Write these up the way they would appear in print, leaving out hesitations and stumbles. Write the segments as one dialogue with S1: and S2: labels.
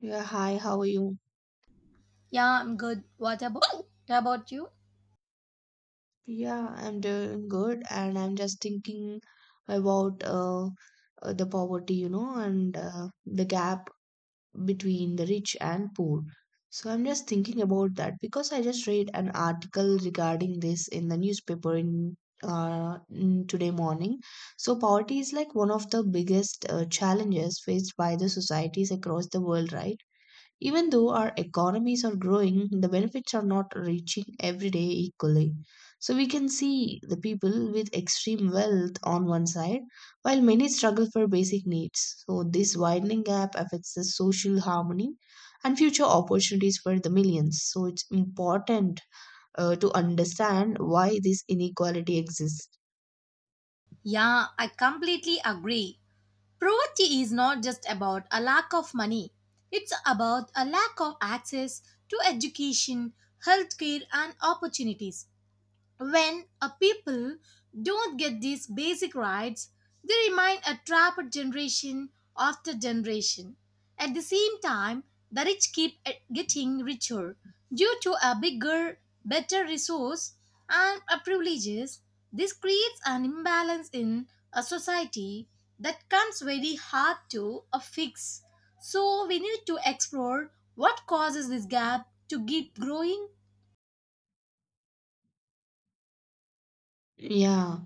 S1: Yeah, hi, how are you?
S2: Yeah, I'm good. What about you?
S1: Yeah, I'm doing good, and I'm just thinking about the poverty, and the gap between the rich and poor. So I'm just thinking about that because I just read an article regarding this in the newspaper in today morning. So poverty is like one of the biggest challenges faced by the societies across the world, right? Even though our economies are growing, the benefits are not reaching every day equally. So we can see the people with extreme wealth on one side, while many struggle for basic needs. So this widening gap affects the social harmony and future opportunities for the millions. So it's important to understand why this inequality exists.
S2: Yeah, I completely agree. Poverty is not just about a lack of money. It's about a lack of access to education, healthcare and opportunities. When a people don't get these basic rights, they remain a trapped generation after generation. At the same time, the rich keep getting richer due to a bigger, better resource and a privileges. This creates an imbalance in a society that comes very hard to a fix. So we need to explore what causes this gap to keep growing.
S1: Yeah.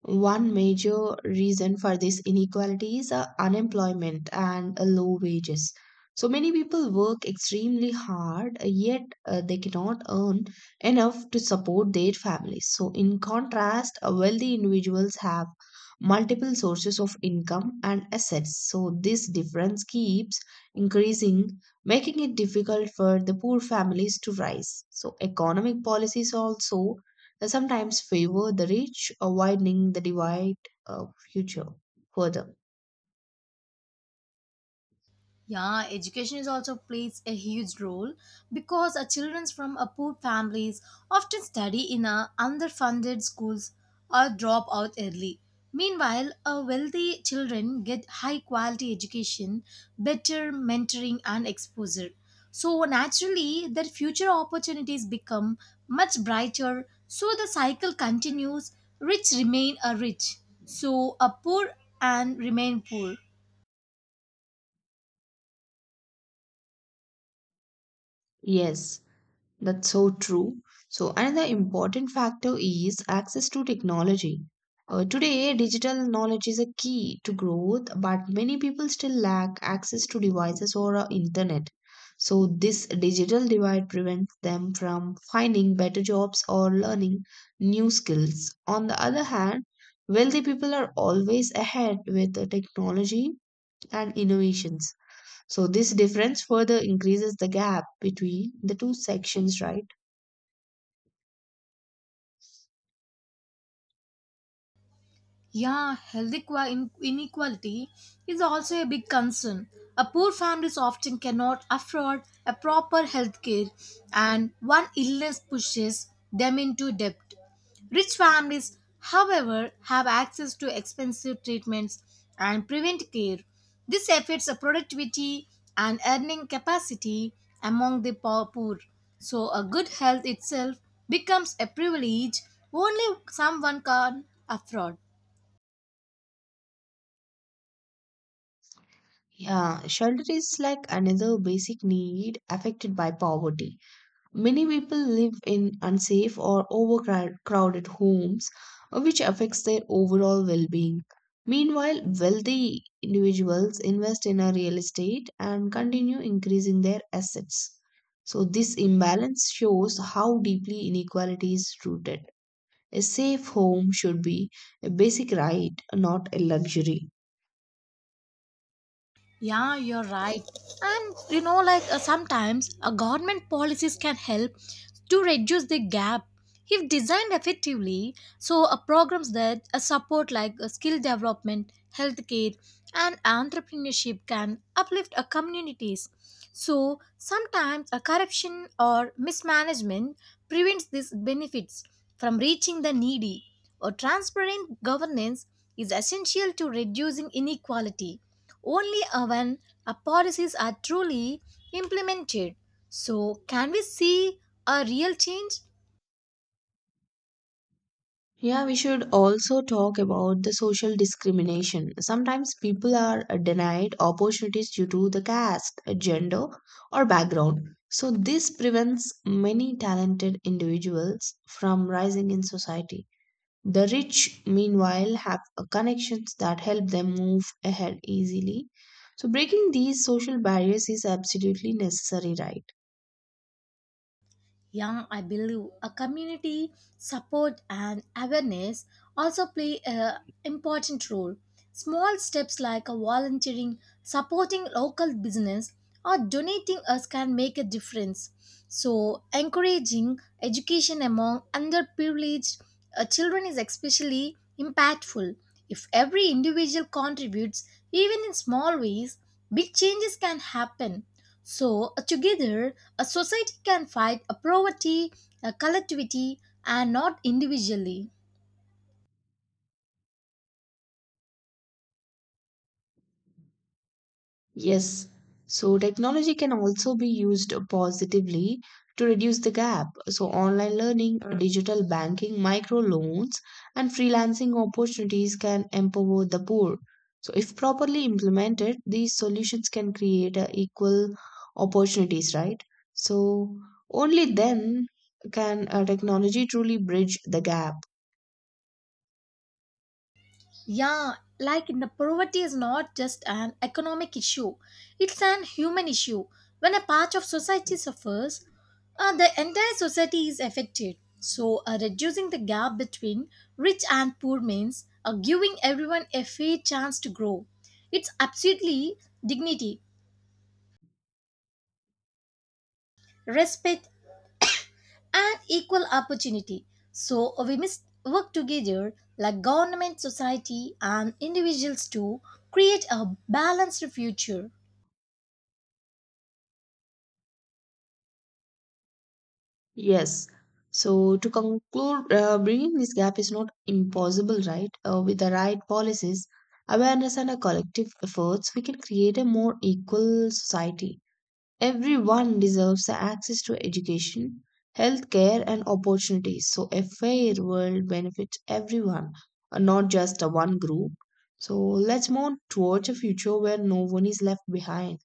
S1: One major reason for this inequality is unemployment and low wages. So many people work extremely hard, yet they cannot earn enough to support their families. So, in contrast, wealthy individuals have multiple sources of income and assets. So, this difference keeps increasing, making it difficult for the poor families to rise. So, economic policies also sometimes favor the rich, widening the divide future further.
S2: Yeah, education is also plays a huge role because our children from a poor families often study in a underfunded schools or drop out early. Meanwhile, our wealthy children get high quality education, better mentoring and exposure. So naturally, their future opportunities become much brighter. So the cycle continues. Rich remain a rich. So a poor and remain poor.
S1: Yes, that's so true. So, another important factor is access to technology. Today, digital knowledge is a key to growth, but many people still lack access to devices or internet. So, this digital divide prevents them from finding better jobs or learning new skills. On the other hand, wealthy people are always ahead with the technology and innovations. So, this difference further increases the gap between the two sections, right?
S2: Yeah, health inequality is also a big concern. A poor families often cannot afford a proper health care, and one illness pushes them into debt. Rich families, however, have access to expensive treatments and prevent care. This affects the productivity and earning capacity among the poor. So, a good health itself becomes a privilege only someone can afford.
S1: Yeah, shelter is like another basic need affected by poverty. Many people live in unsafe or overcrowded homes, which affects their overall well being. Meanwhile, wealthy individuals invest in a real estate and continue increasing their assets. So, this imbalance shows how deeply inequality is rooted. A safe home should be a basic right, not a luxury.
S2: Yeah, you're right. And you know, like sometimes government policies can help to reduce the gap if designed effectively. So, programs that support like skill development, healthcare, and entrepreneurship can uplift communities. So, sometimes corruption or mismanagement prevents these benefits from reaching the needy. Or transparent governance is essential to reducing inequality only when our policies are truly implemented. So, can we see a real change?
S1: Yeah, we should also talk about the social discrimination. Sometimes people are denied opportunities due to the caste, gender, or background. So, this prevents many talented individuals from rising in society. The rich, meanwhile, have connections that help them move ahead easily. So, breaking these social barriers is absolutely necessary, right?
S2: Young I believe a community support and awareness also play an important role. Small steps like a volunteering, supporting local business or donating us can make a difference. So encouraging education among underprivileged children is especially impactful. If every individual contributes even in small ways, big changes can happen. So, together, a society can fight a poverty, a collectivity, and not individually.
S1: Yes, so technology can also be used positively to reduce the gap. So, online learning, digital banking, micro loans, and freelancing opportunities can empower the poor. So, if properly implemented, these solutions can create equal opportunities, right? So, only then can technology truly bridge the gap.
S2: Yeah, like in the poverty is not just an economic issue, it's an human issue. When a part of society suffers, the entire society is affected. So, reducing the gap between rich and poor means giving everyone a fair chance to grow. It's absolutely dignity, respect, and equal opportunity. So we must work together, like government, society, and individuals, to create a balanced future.
S1: Yes. So to conclude, bringing this gap is not impossible, right? With the right policies, awareness, and a collective efforts, we can create a more equal society. Everyone deserves the access to education, healthcare, and opportunities. So a fair world benefits everyone, not just a one group. So let's move towards a future where no one is left behind.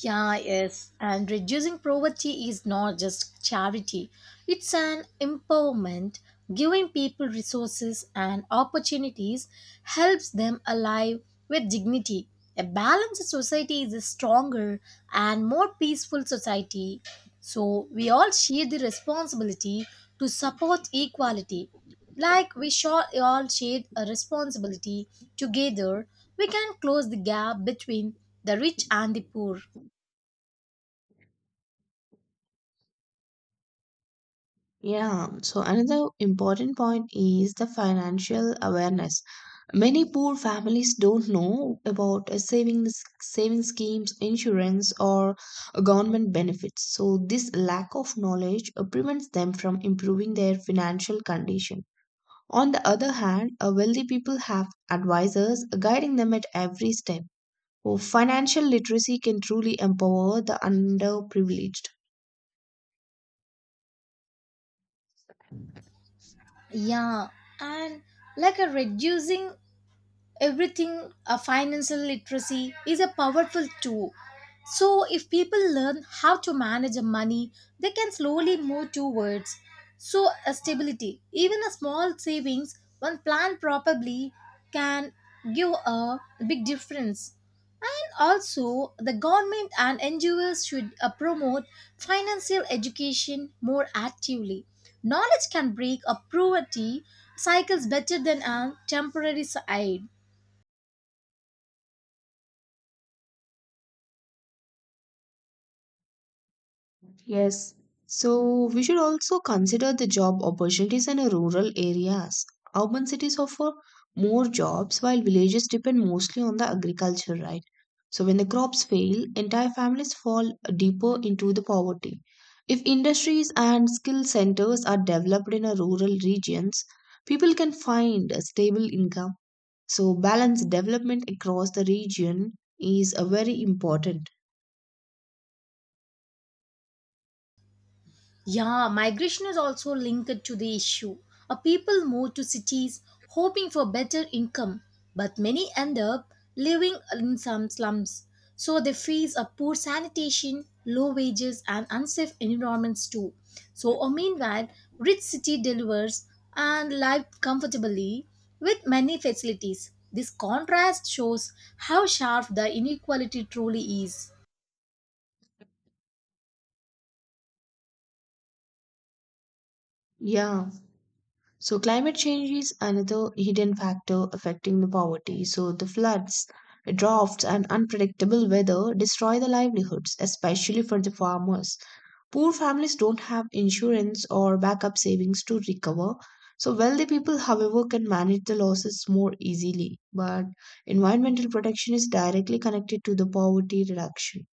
S2: Yeah, yes. And reducing poverty is not just charity, it's an empowerment. Giving people resources and opportunities helps them alive with dignity. A balanced society is a stronger and more peaceful society. So, we all share the responsibility to support equality. Like we sure all share a responsibility together, we can close the gap between the rich and the poor.
S1: Yeah, so another important point is the financial awareness. Many poor families don't know about savings, saving schemes, insurance, or government benefits. So, this lack of knowledge prevents them from improving their financial condition. On the other hand, wealthy people have advisors guiding them at every step. So, financial literacy can truly empower the underprivileged.
S2: Yeah, and like a reducing everything, financial literacy is a powerful tool. So if people learn how to manage their money, they can slowly move towards so a stability. Even a small savings, when planned properly, can give a big difference. And also the government and NGOs should promote financial education more actively. Knowledge can break a poverty cycles better than a temporary aid.
S1: Yes. So we should also consider the job opportunities in rural areas. Urban cities offer more jobs while villages depend mostly on the agriculture, right? So when the crops fail, entire families fall deeper into the poverty. If industries and skill centers are developed in a rural regions, people can find a stable income. So balanced development across the region is a very important.
S2: Yeah, migration is also linked to the issue. A people move to cities hoping for better income, but many end up living in some slums. So they face a poor sanitation, low wages, and unsafe environments too. So, meanwhile, rich city delivers and live comfortably with many facilities. This contrast shows how sharp the inequality truly is.
S1: Yeah. So climate change is another hidden factor affecting the poverty. So the floods, droughts, and unpredictable weather destroy the livelihoods, especially for the farmers. Poor families don't have insurance or backup savings to recover. So wealthy people, however, can manage the losses more easily. But environmental protection is directly connected to the poverty reduction.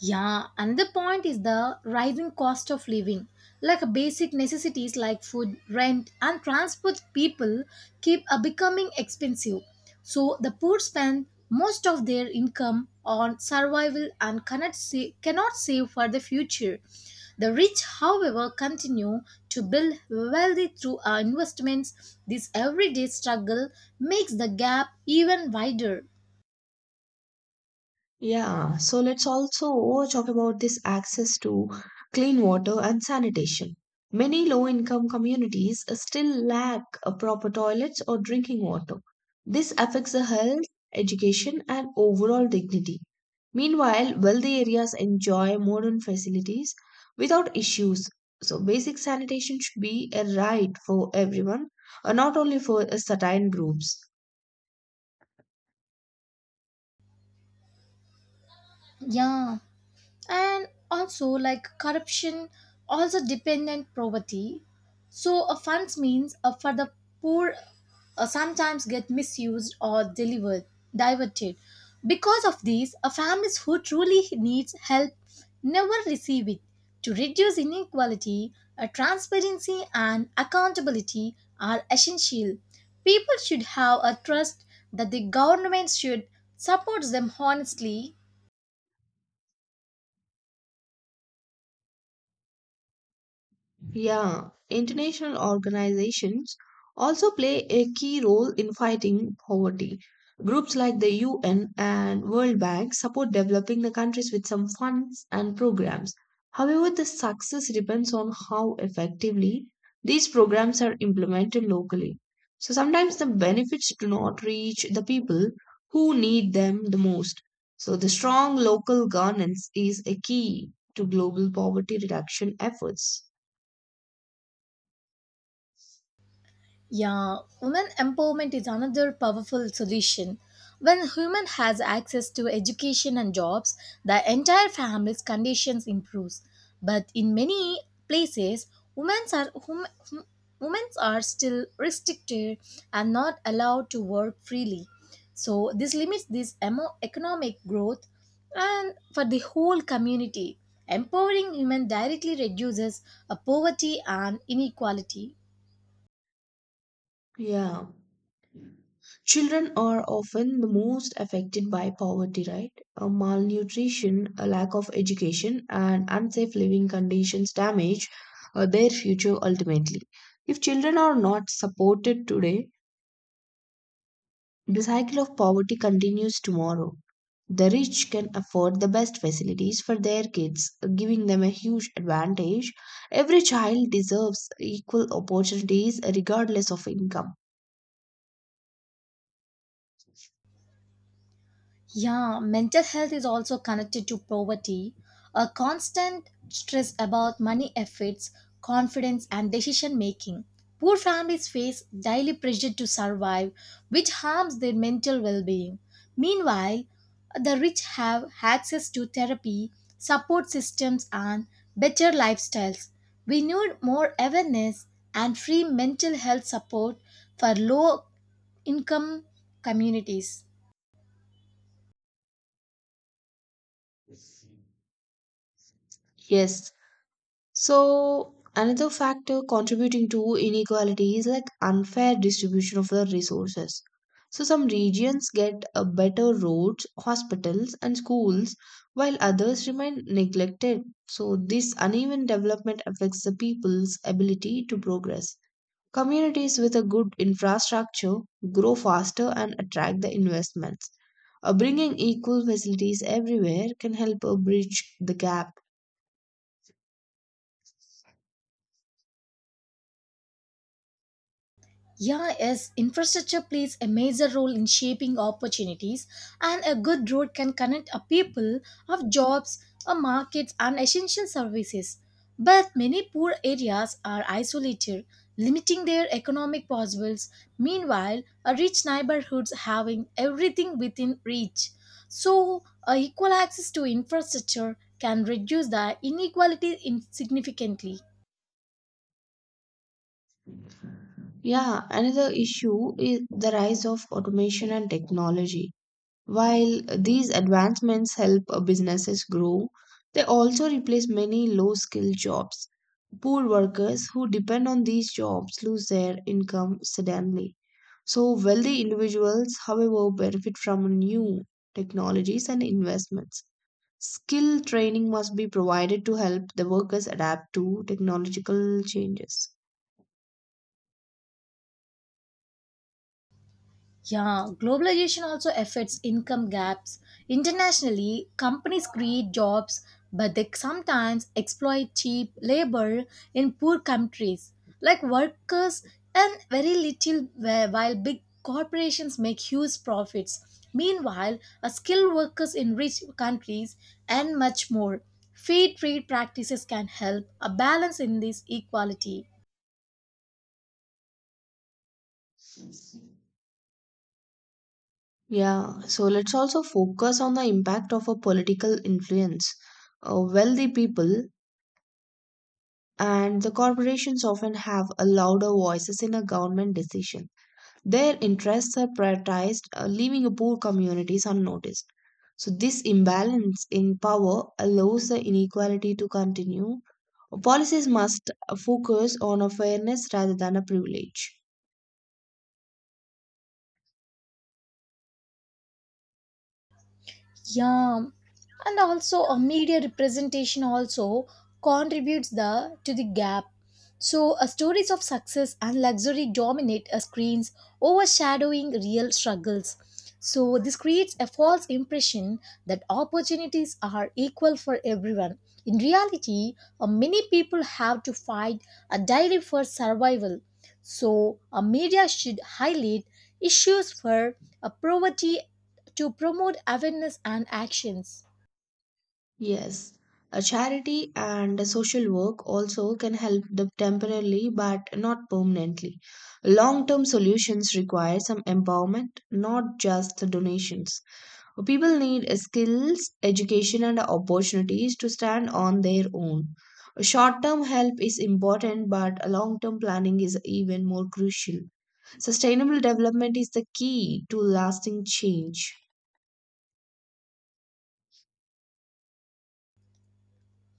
S2: Yeah, another point is the rising cost of living. Like basic necessities like food, rent, and transport, people keep becoming expensive. So the poor spend most of their income on survival and cannot save for the future. The rich, however, continue to build wealth through our investments. This everyday struggle makes the gap even wider.
S1: Yeah, so let's also talk about this access to clean water and sanitation. Many low-income communities still lack a proper toilets or drinking water. This affects the health, education, and overall dignity. Meanwhile, wealthy areas enjoy modern facilities without issues. So basic sanitation should be a right for everyone, not only for certain groups.
S2: Yeah. And also like corruption also dependent poverty. So a funds means for the poor sometimes get misused or delivered diverted. Because of these, a families who truly needs help never receive it. To reduce inequality, transparency and accountability are essential. People should have a trust that the government should support them honestly.
S1: Yeah, international organizations also play a key role in fighting poverty. Groups like the UN and World Bank support developing the countries with some funds and programs. However, the success depends on how effectively these programs are implemented locally. So sometimes the benefits do not reach the people who need them the most. So the strong local governance is a key to global poverty reduction efforts.
S2: Yeah, women empowerment is another powerful solution. When women has access to education and jobs, the entire family's conditions improves. But in many places, women are women are still restricted and not allowed to work freely. So this limits this economic growth and for the whole community. Empowering women directly reduces poverty and inequality.
S1: Yeah. Children are often the most affected by poverty, right? Malnutrition, a lack of education, and unsafe living conditions damage their future ultimately. If children are not supported today, the cycle of poverty continues tomorrow. The rich can afford the best facilities for their kids, giving them a huge advantage. Every child deserves equal opportunities regardless of income.
S2: Yeah, mental health is also connected to poverty. A constant stress about money affects confidence and decision making. Poor families face daily pressure to survive, which harms their mental well being. Meanwhile, the rich have access to therapy, support systems, and better lifestyles. We need more awareness and free mental health support for low income communities.
S1: Yes, so, another factor contributing to inequality is like unfair distribution of the resources. So, some regions get better roads, hospitals, and schools, while others remain neglected. So, this uneven development affects the people's ability to progress. Communities with a good infrastructure grow faster and attract the investments. Bringing equal facilities everywhere can help bridge the gap.
S2: Yeah, yes, infrastructure plays a major role in shaping opportunities, and a good road can connect a people of jobs, a markets, and essential services. But many poor areas are isolated, limiting their economic possibilities. Meanwhile, a rich neighborhoods having everything within reach. So, a equal access to infrastructure can reduce the inequality significantly.
S1: Yeah, another issue is the rise of automation and technology. While these advancements help businesses grow, they also replace many low skilled jobs. Poor workers who depend on these jobs lose their income suddenly. So, wealthy individuals, however, benefit from new technologies and investments. Skill training must be provided to help the workers adapt to technological changes.
S2: Yeah, globalization also affects income gaps. Internationally, companies create jobs, but they sometimes exploit cheap labor in poor countries, like workers and very little while big corporations make huge profits. Meanwhile, a skilled workers in rich countries and much more. Free trade practices can help a balance in this equality.
S1: Yeah, so let's also focus on the impact of a political influence. Wealthy people and the corporations often have a louder voices in a government decision. Their interests are prioritized, leaving poor communities unnoticed. So this imbalance in power allows the inequality to continue. Policies must focus on a fairness rather than a privilege.
S2: Yeah, and also a media representation also contributes the to the gap. So stories of success and luxury dominate screens, overshadowing real struggles. So this creates a false impression that opportunities are equal for everyone. In reality, many people have to fight a daily for survival. So a media should highlight issues for poverty to promote awareness and actions.
S1: Yes, a charity and a social work also can help the temporarily but not permanently. Long-term solutions require some empowerment, not just the donations. People need skills, education, and opportunities to stand on their own. Short-term help is important, but long-term planning is even more crucial. Sustainable development is the key to lasting change.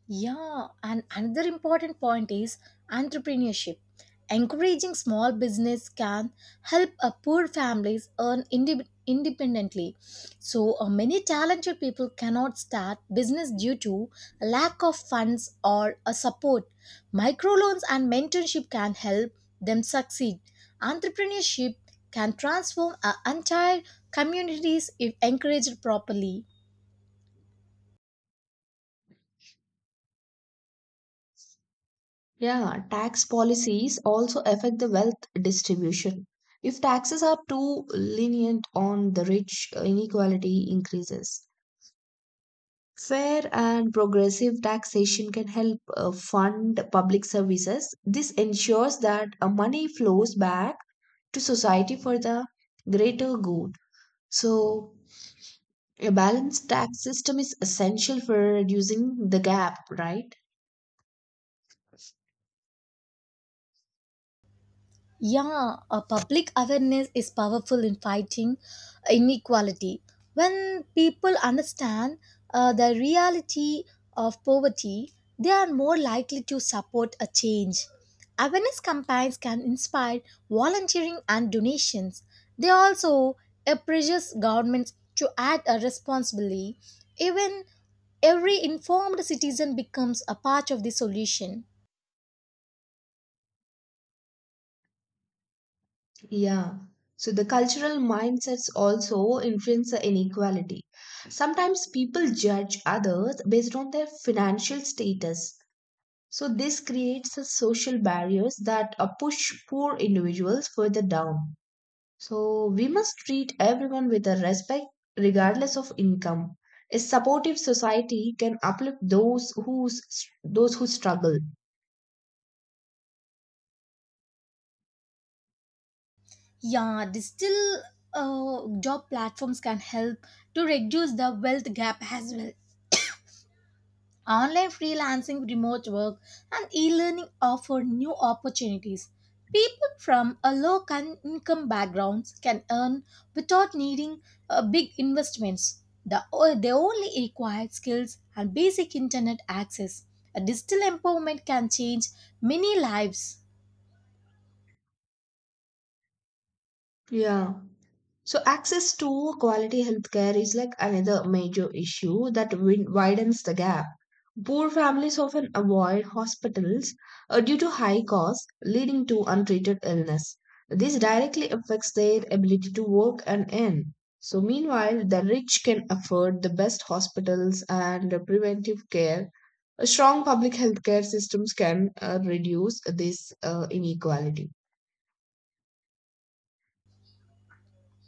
S2: Yeah, and another important point is entrepreneurship. Encouraging small business can help a poor families earn independently. So many talented people cannot start business due to lack of funds or a support. Microloans and mentorship can help them succeed. Entrepreneurship can transform an entire communities if encouraged properly.
S1: Yeah, tax policies also affect the wealth distribution. If taxes are too lenient on the rich, inequality increases. Fair and progressive taxation can help fund public services. This ensures that money flows back to society for the greater good. So, a balanced tax system is essential for reducing the gap, right?
S2: Yeah, a public awareness is powerful in fighting inequality. When people understand the reality of poverty, they are more likely to support a change. Awareness campaigns can inspire volunteering and donations. They also pressures governments to act responsibly. Even every informed citizen becomes a part of the solution.
S1: Yeah. So the cultural mindsets also influence the inequality. Sometimes people judge others based on their financial status. So this creates a social barriers that push poor individuals further down. So we must treat everyone with a respect regardless of income. A supportive society can uplift those who struggle.
S2: Yeah, digital job platforms can help to reduce the wealth gap as well. Online freelancing, remote work, and e learning offer new opportunities. People from a income backgrounds can earn without needing big investments. They only require skills and basic internet access. A digital empowerment can change many lives.
S1: Yeah. So, access to quality healthcare is like another major issue that widens the gap. Poor families often avoid hospitals due to high costs, leading to untreated illness. This directly affects their ability to work and earn. So, meanwhile, the rich can afford the best hospitals and preventive care. A strong public healthcare systems can reduce this inequality.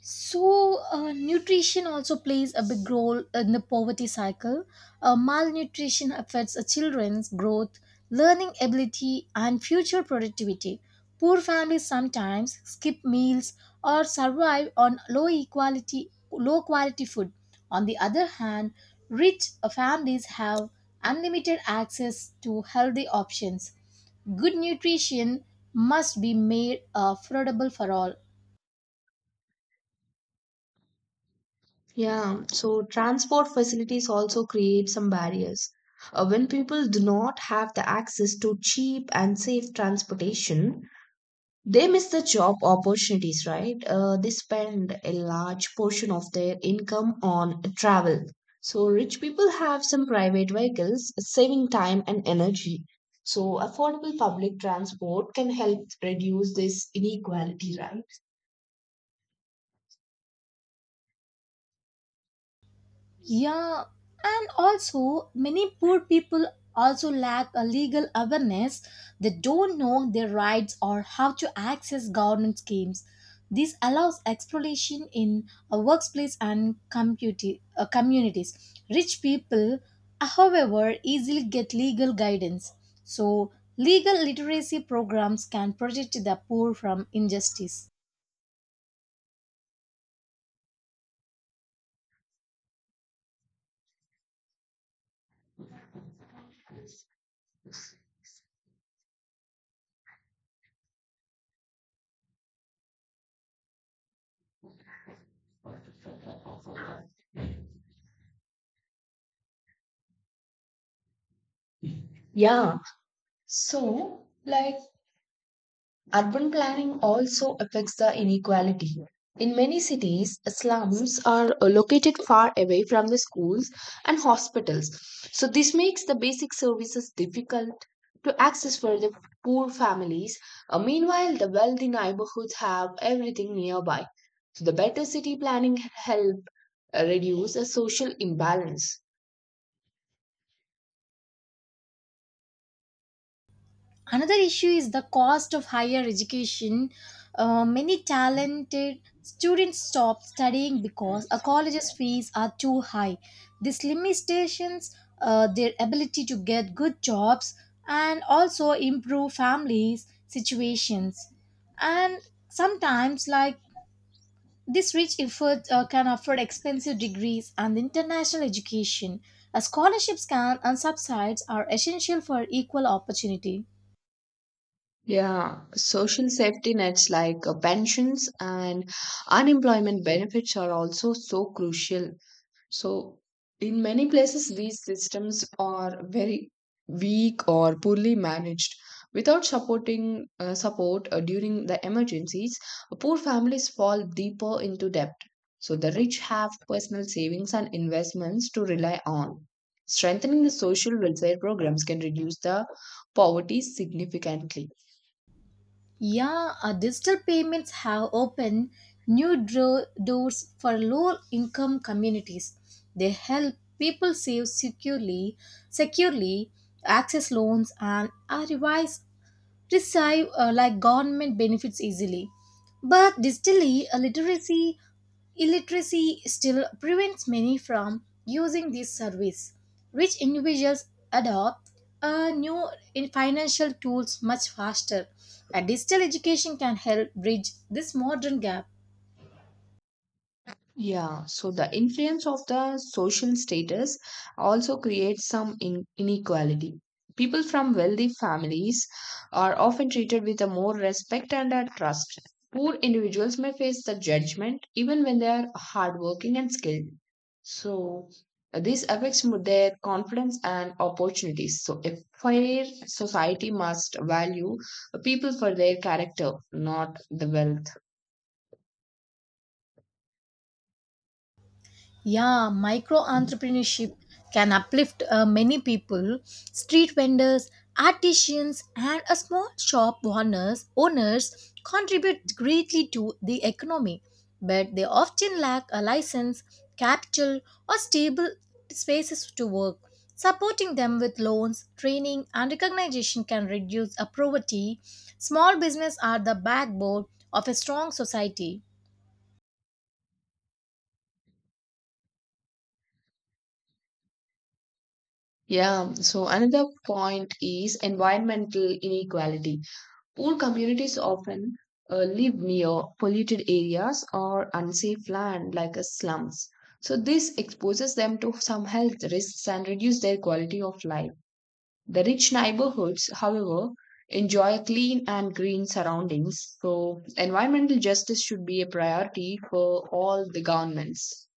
S2: So, nutrition also plays a big role in the poverty cycle. Malnutrition affects a children's growth, learning ability, and future productivity. Poor families sometimes skip meals or survive on low quality food. On the other hand, rich families have unlimited access to healthy options. Good nutrition must be made affordable for all.
S1: Yeah, so transport facilities also create some barriers. When people do not have the access to cheap and safe transportation, they miss the job opportunities, right? They spend a large portion of their income on travel. So, rich people have some private vehicles, saving time and energy. So, affordable public transport can help reduce this inequality, right?
S2: Yeah, and also many poor people also lack a legal awareness. They don't know their rights or how to access government schemes. This allows exploitation in a workplace and communities. Rich people, however, easily get legal guidance. So, legal literacy programs can protect the poor from injustice.
S1: Yeah. So, like, Urban planning also affects the inequality. In many cities, slums are located far away from the schools and hospitals. So, this makes the basic services difficult to access for the poor families. Meanwhile, the wealthy neighborhoods have everything nearby. So, the better city planning help reduce the social imbalance.
S2: Another issue is the cost of higher education. Many talented students stop studying because a college's fees are too high. This limitations their ability to get good jobs and also improve families situations. And sometimes like this rich effort can afford expensive degrees and international education. Scholarships can and subsides are essential for equal opportunity.
S1: Yeah, social safety nets like pensions and unemployment benefits are also so crucial. So, in many places, these systems are very weak or poorly managed. Without support during the emergencies, poor families fall deeper into debt. So, the rich have personal savings and investments to rely on. Strengthening the social welfare programs can reduce the poverty significantly.
S2: Yeah, digital payments have opened new doors for low income communities. They help people save securely, access loans and are revised receive like government benefits easily. But distally, illiteracy still prevents many from using this service. Rich individuals adopt new in financial tools much faster. And digital education can help bridge this modern gap.
S1: Yeah, so the influence of the social status also creates some inequality. People from wealthy families are often treated with a more respect and a trust. Poor individuals may face the judgment even when they are hardworking and skilled. So this affects their confidence and opportunities. So a fair society must value people for their character, not the wealth.
S2: Yeah, micro entrepreneurship can uplift many people. Street vendors, artisans, and a small shop owners contribute greatly to the economy, but they often lack a license, capital, or stable spaces to work. Supporting them with loans, training, and recognition can reduce a poverty. Small business are the backbone of a strong society.
S1: Yeah, so another point is environmental inequality. Poor communities often live near polluted areas or unsafe land like slums. So this exposes them to some health risks and reduce their quality of life. The rich neighborhoods, however, enjoy clean and green surroundings. So environmental justice should be a priority for all the governments.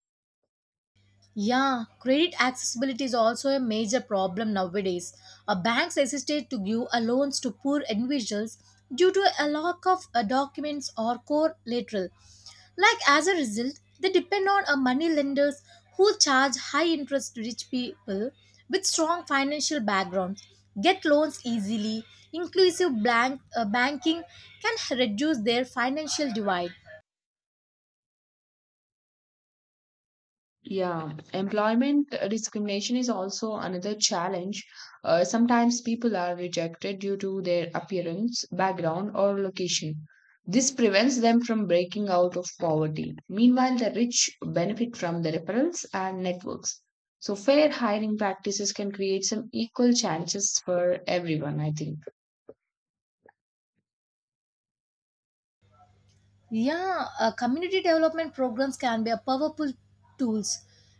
S2: Yeah, credit accessibility is also a major problem nowadays. Banks hesitate to give a loans to poor individuals due to a lack of documents or core collateral. Like as a result, they depend on a money lenders who charge high interest to rich people with strong financial backgrounds get loans easily. Inclusive banking can reduce their financial divide.
S1: Yeah, employment discrimination is also another challenge. Sometimes people are rejected due to their appearance, background, or location. This prevents them from breaking out of poverty. Meanwhile, the rich benefit from the referrals and networks. So, fair hiring practices can create some equal chances for everyone, I think.
S2: Yeah, community development programs can be a powerful tools.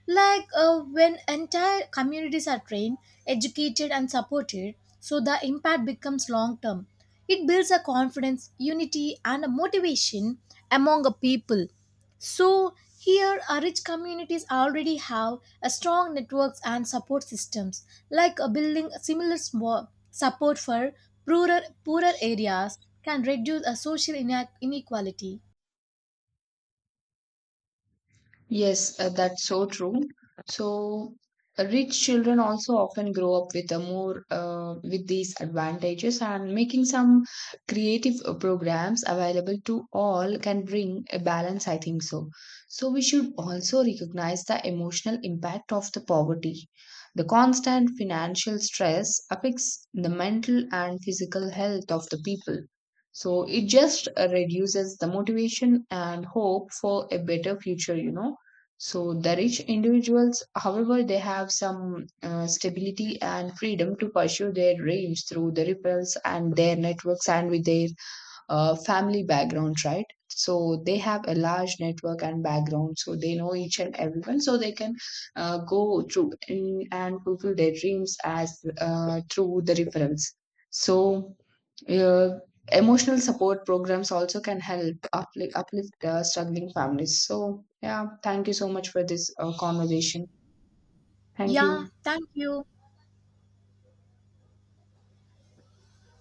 S2: Like when entire communities are trained, educated and supported, so the impact becomes long term. It builds a confidence, unity and a motivation among a people. So here our rich communities already have a strong networks and support systems. Like a building a similar small support for poorer areas can reduce a social inequality.
S1: Yes, that's so true. So, rich children also often grow up with a more with these advantages, and making some creative programs available to all can bring a balance, I think so. So, we should also recognize the emotional impact of the poverty. The constant financial stress affects the mental and physical health of the people. So, it just reduces the motivation and hope for a better future. So the rich individuals, however, they have some stability and freedom to pursue their dreams through the ripples and their networks and with their family background, right? So they have a large network and background, so they know each and everyone, so they can go through in, and fulfill their dreams as through the referrals. So uh, emotional support programs also can help uplift struggling families. So yeah, thank you so much for this conversation. Thank
S2: Yeah,
S1: you.
S2: thank you.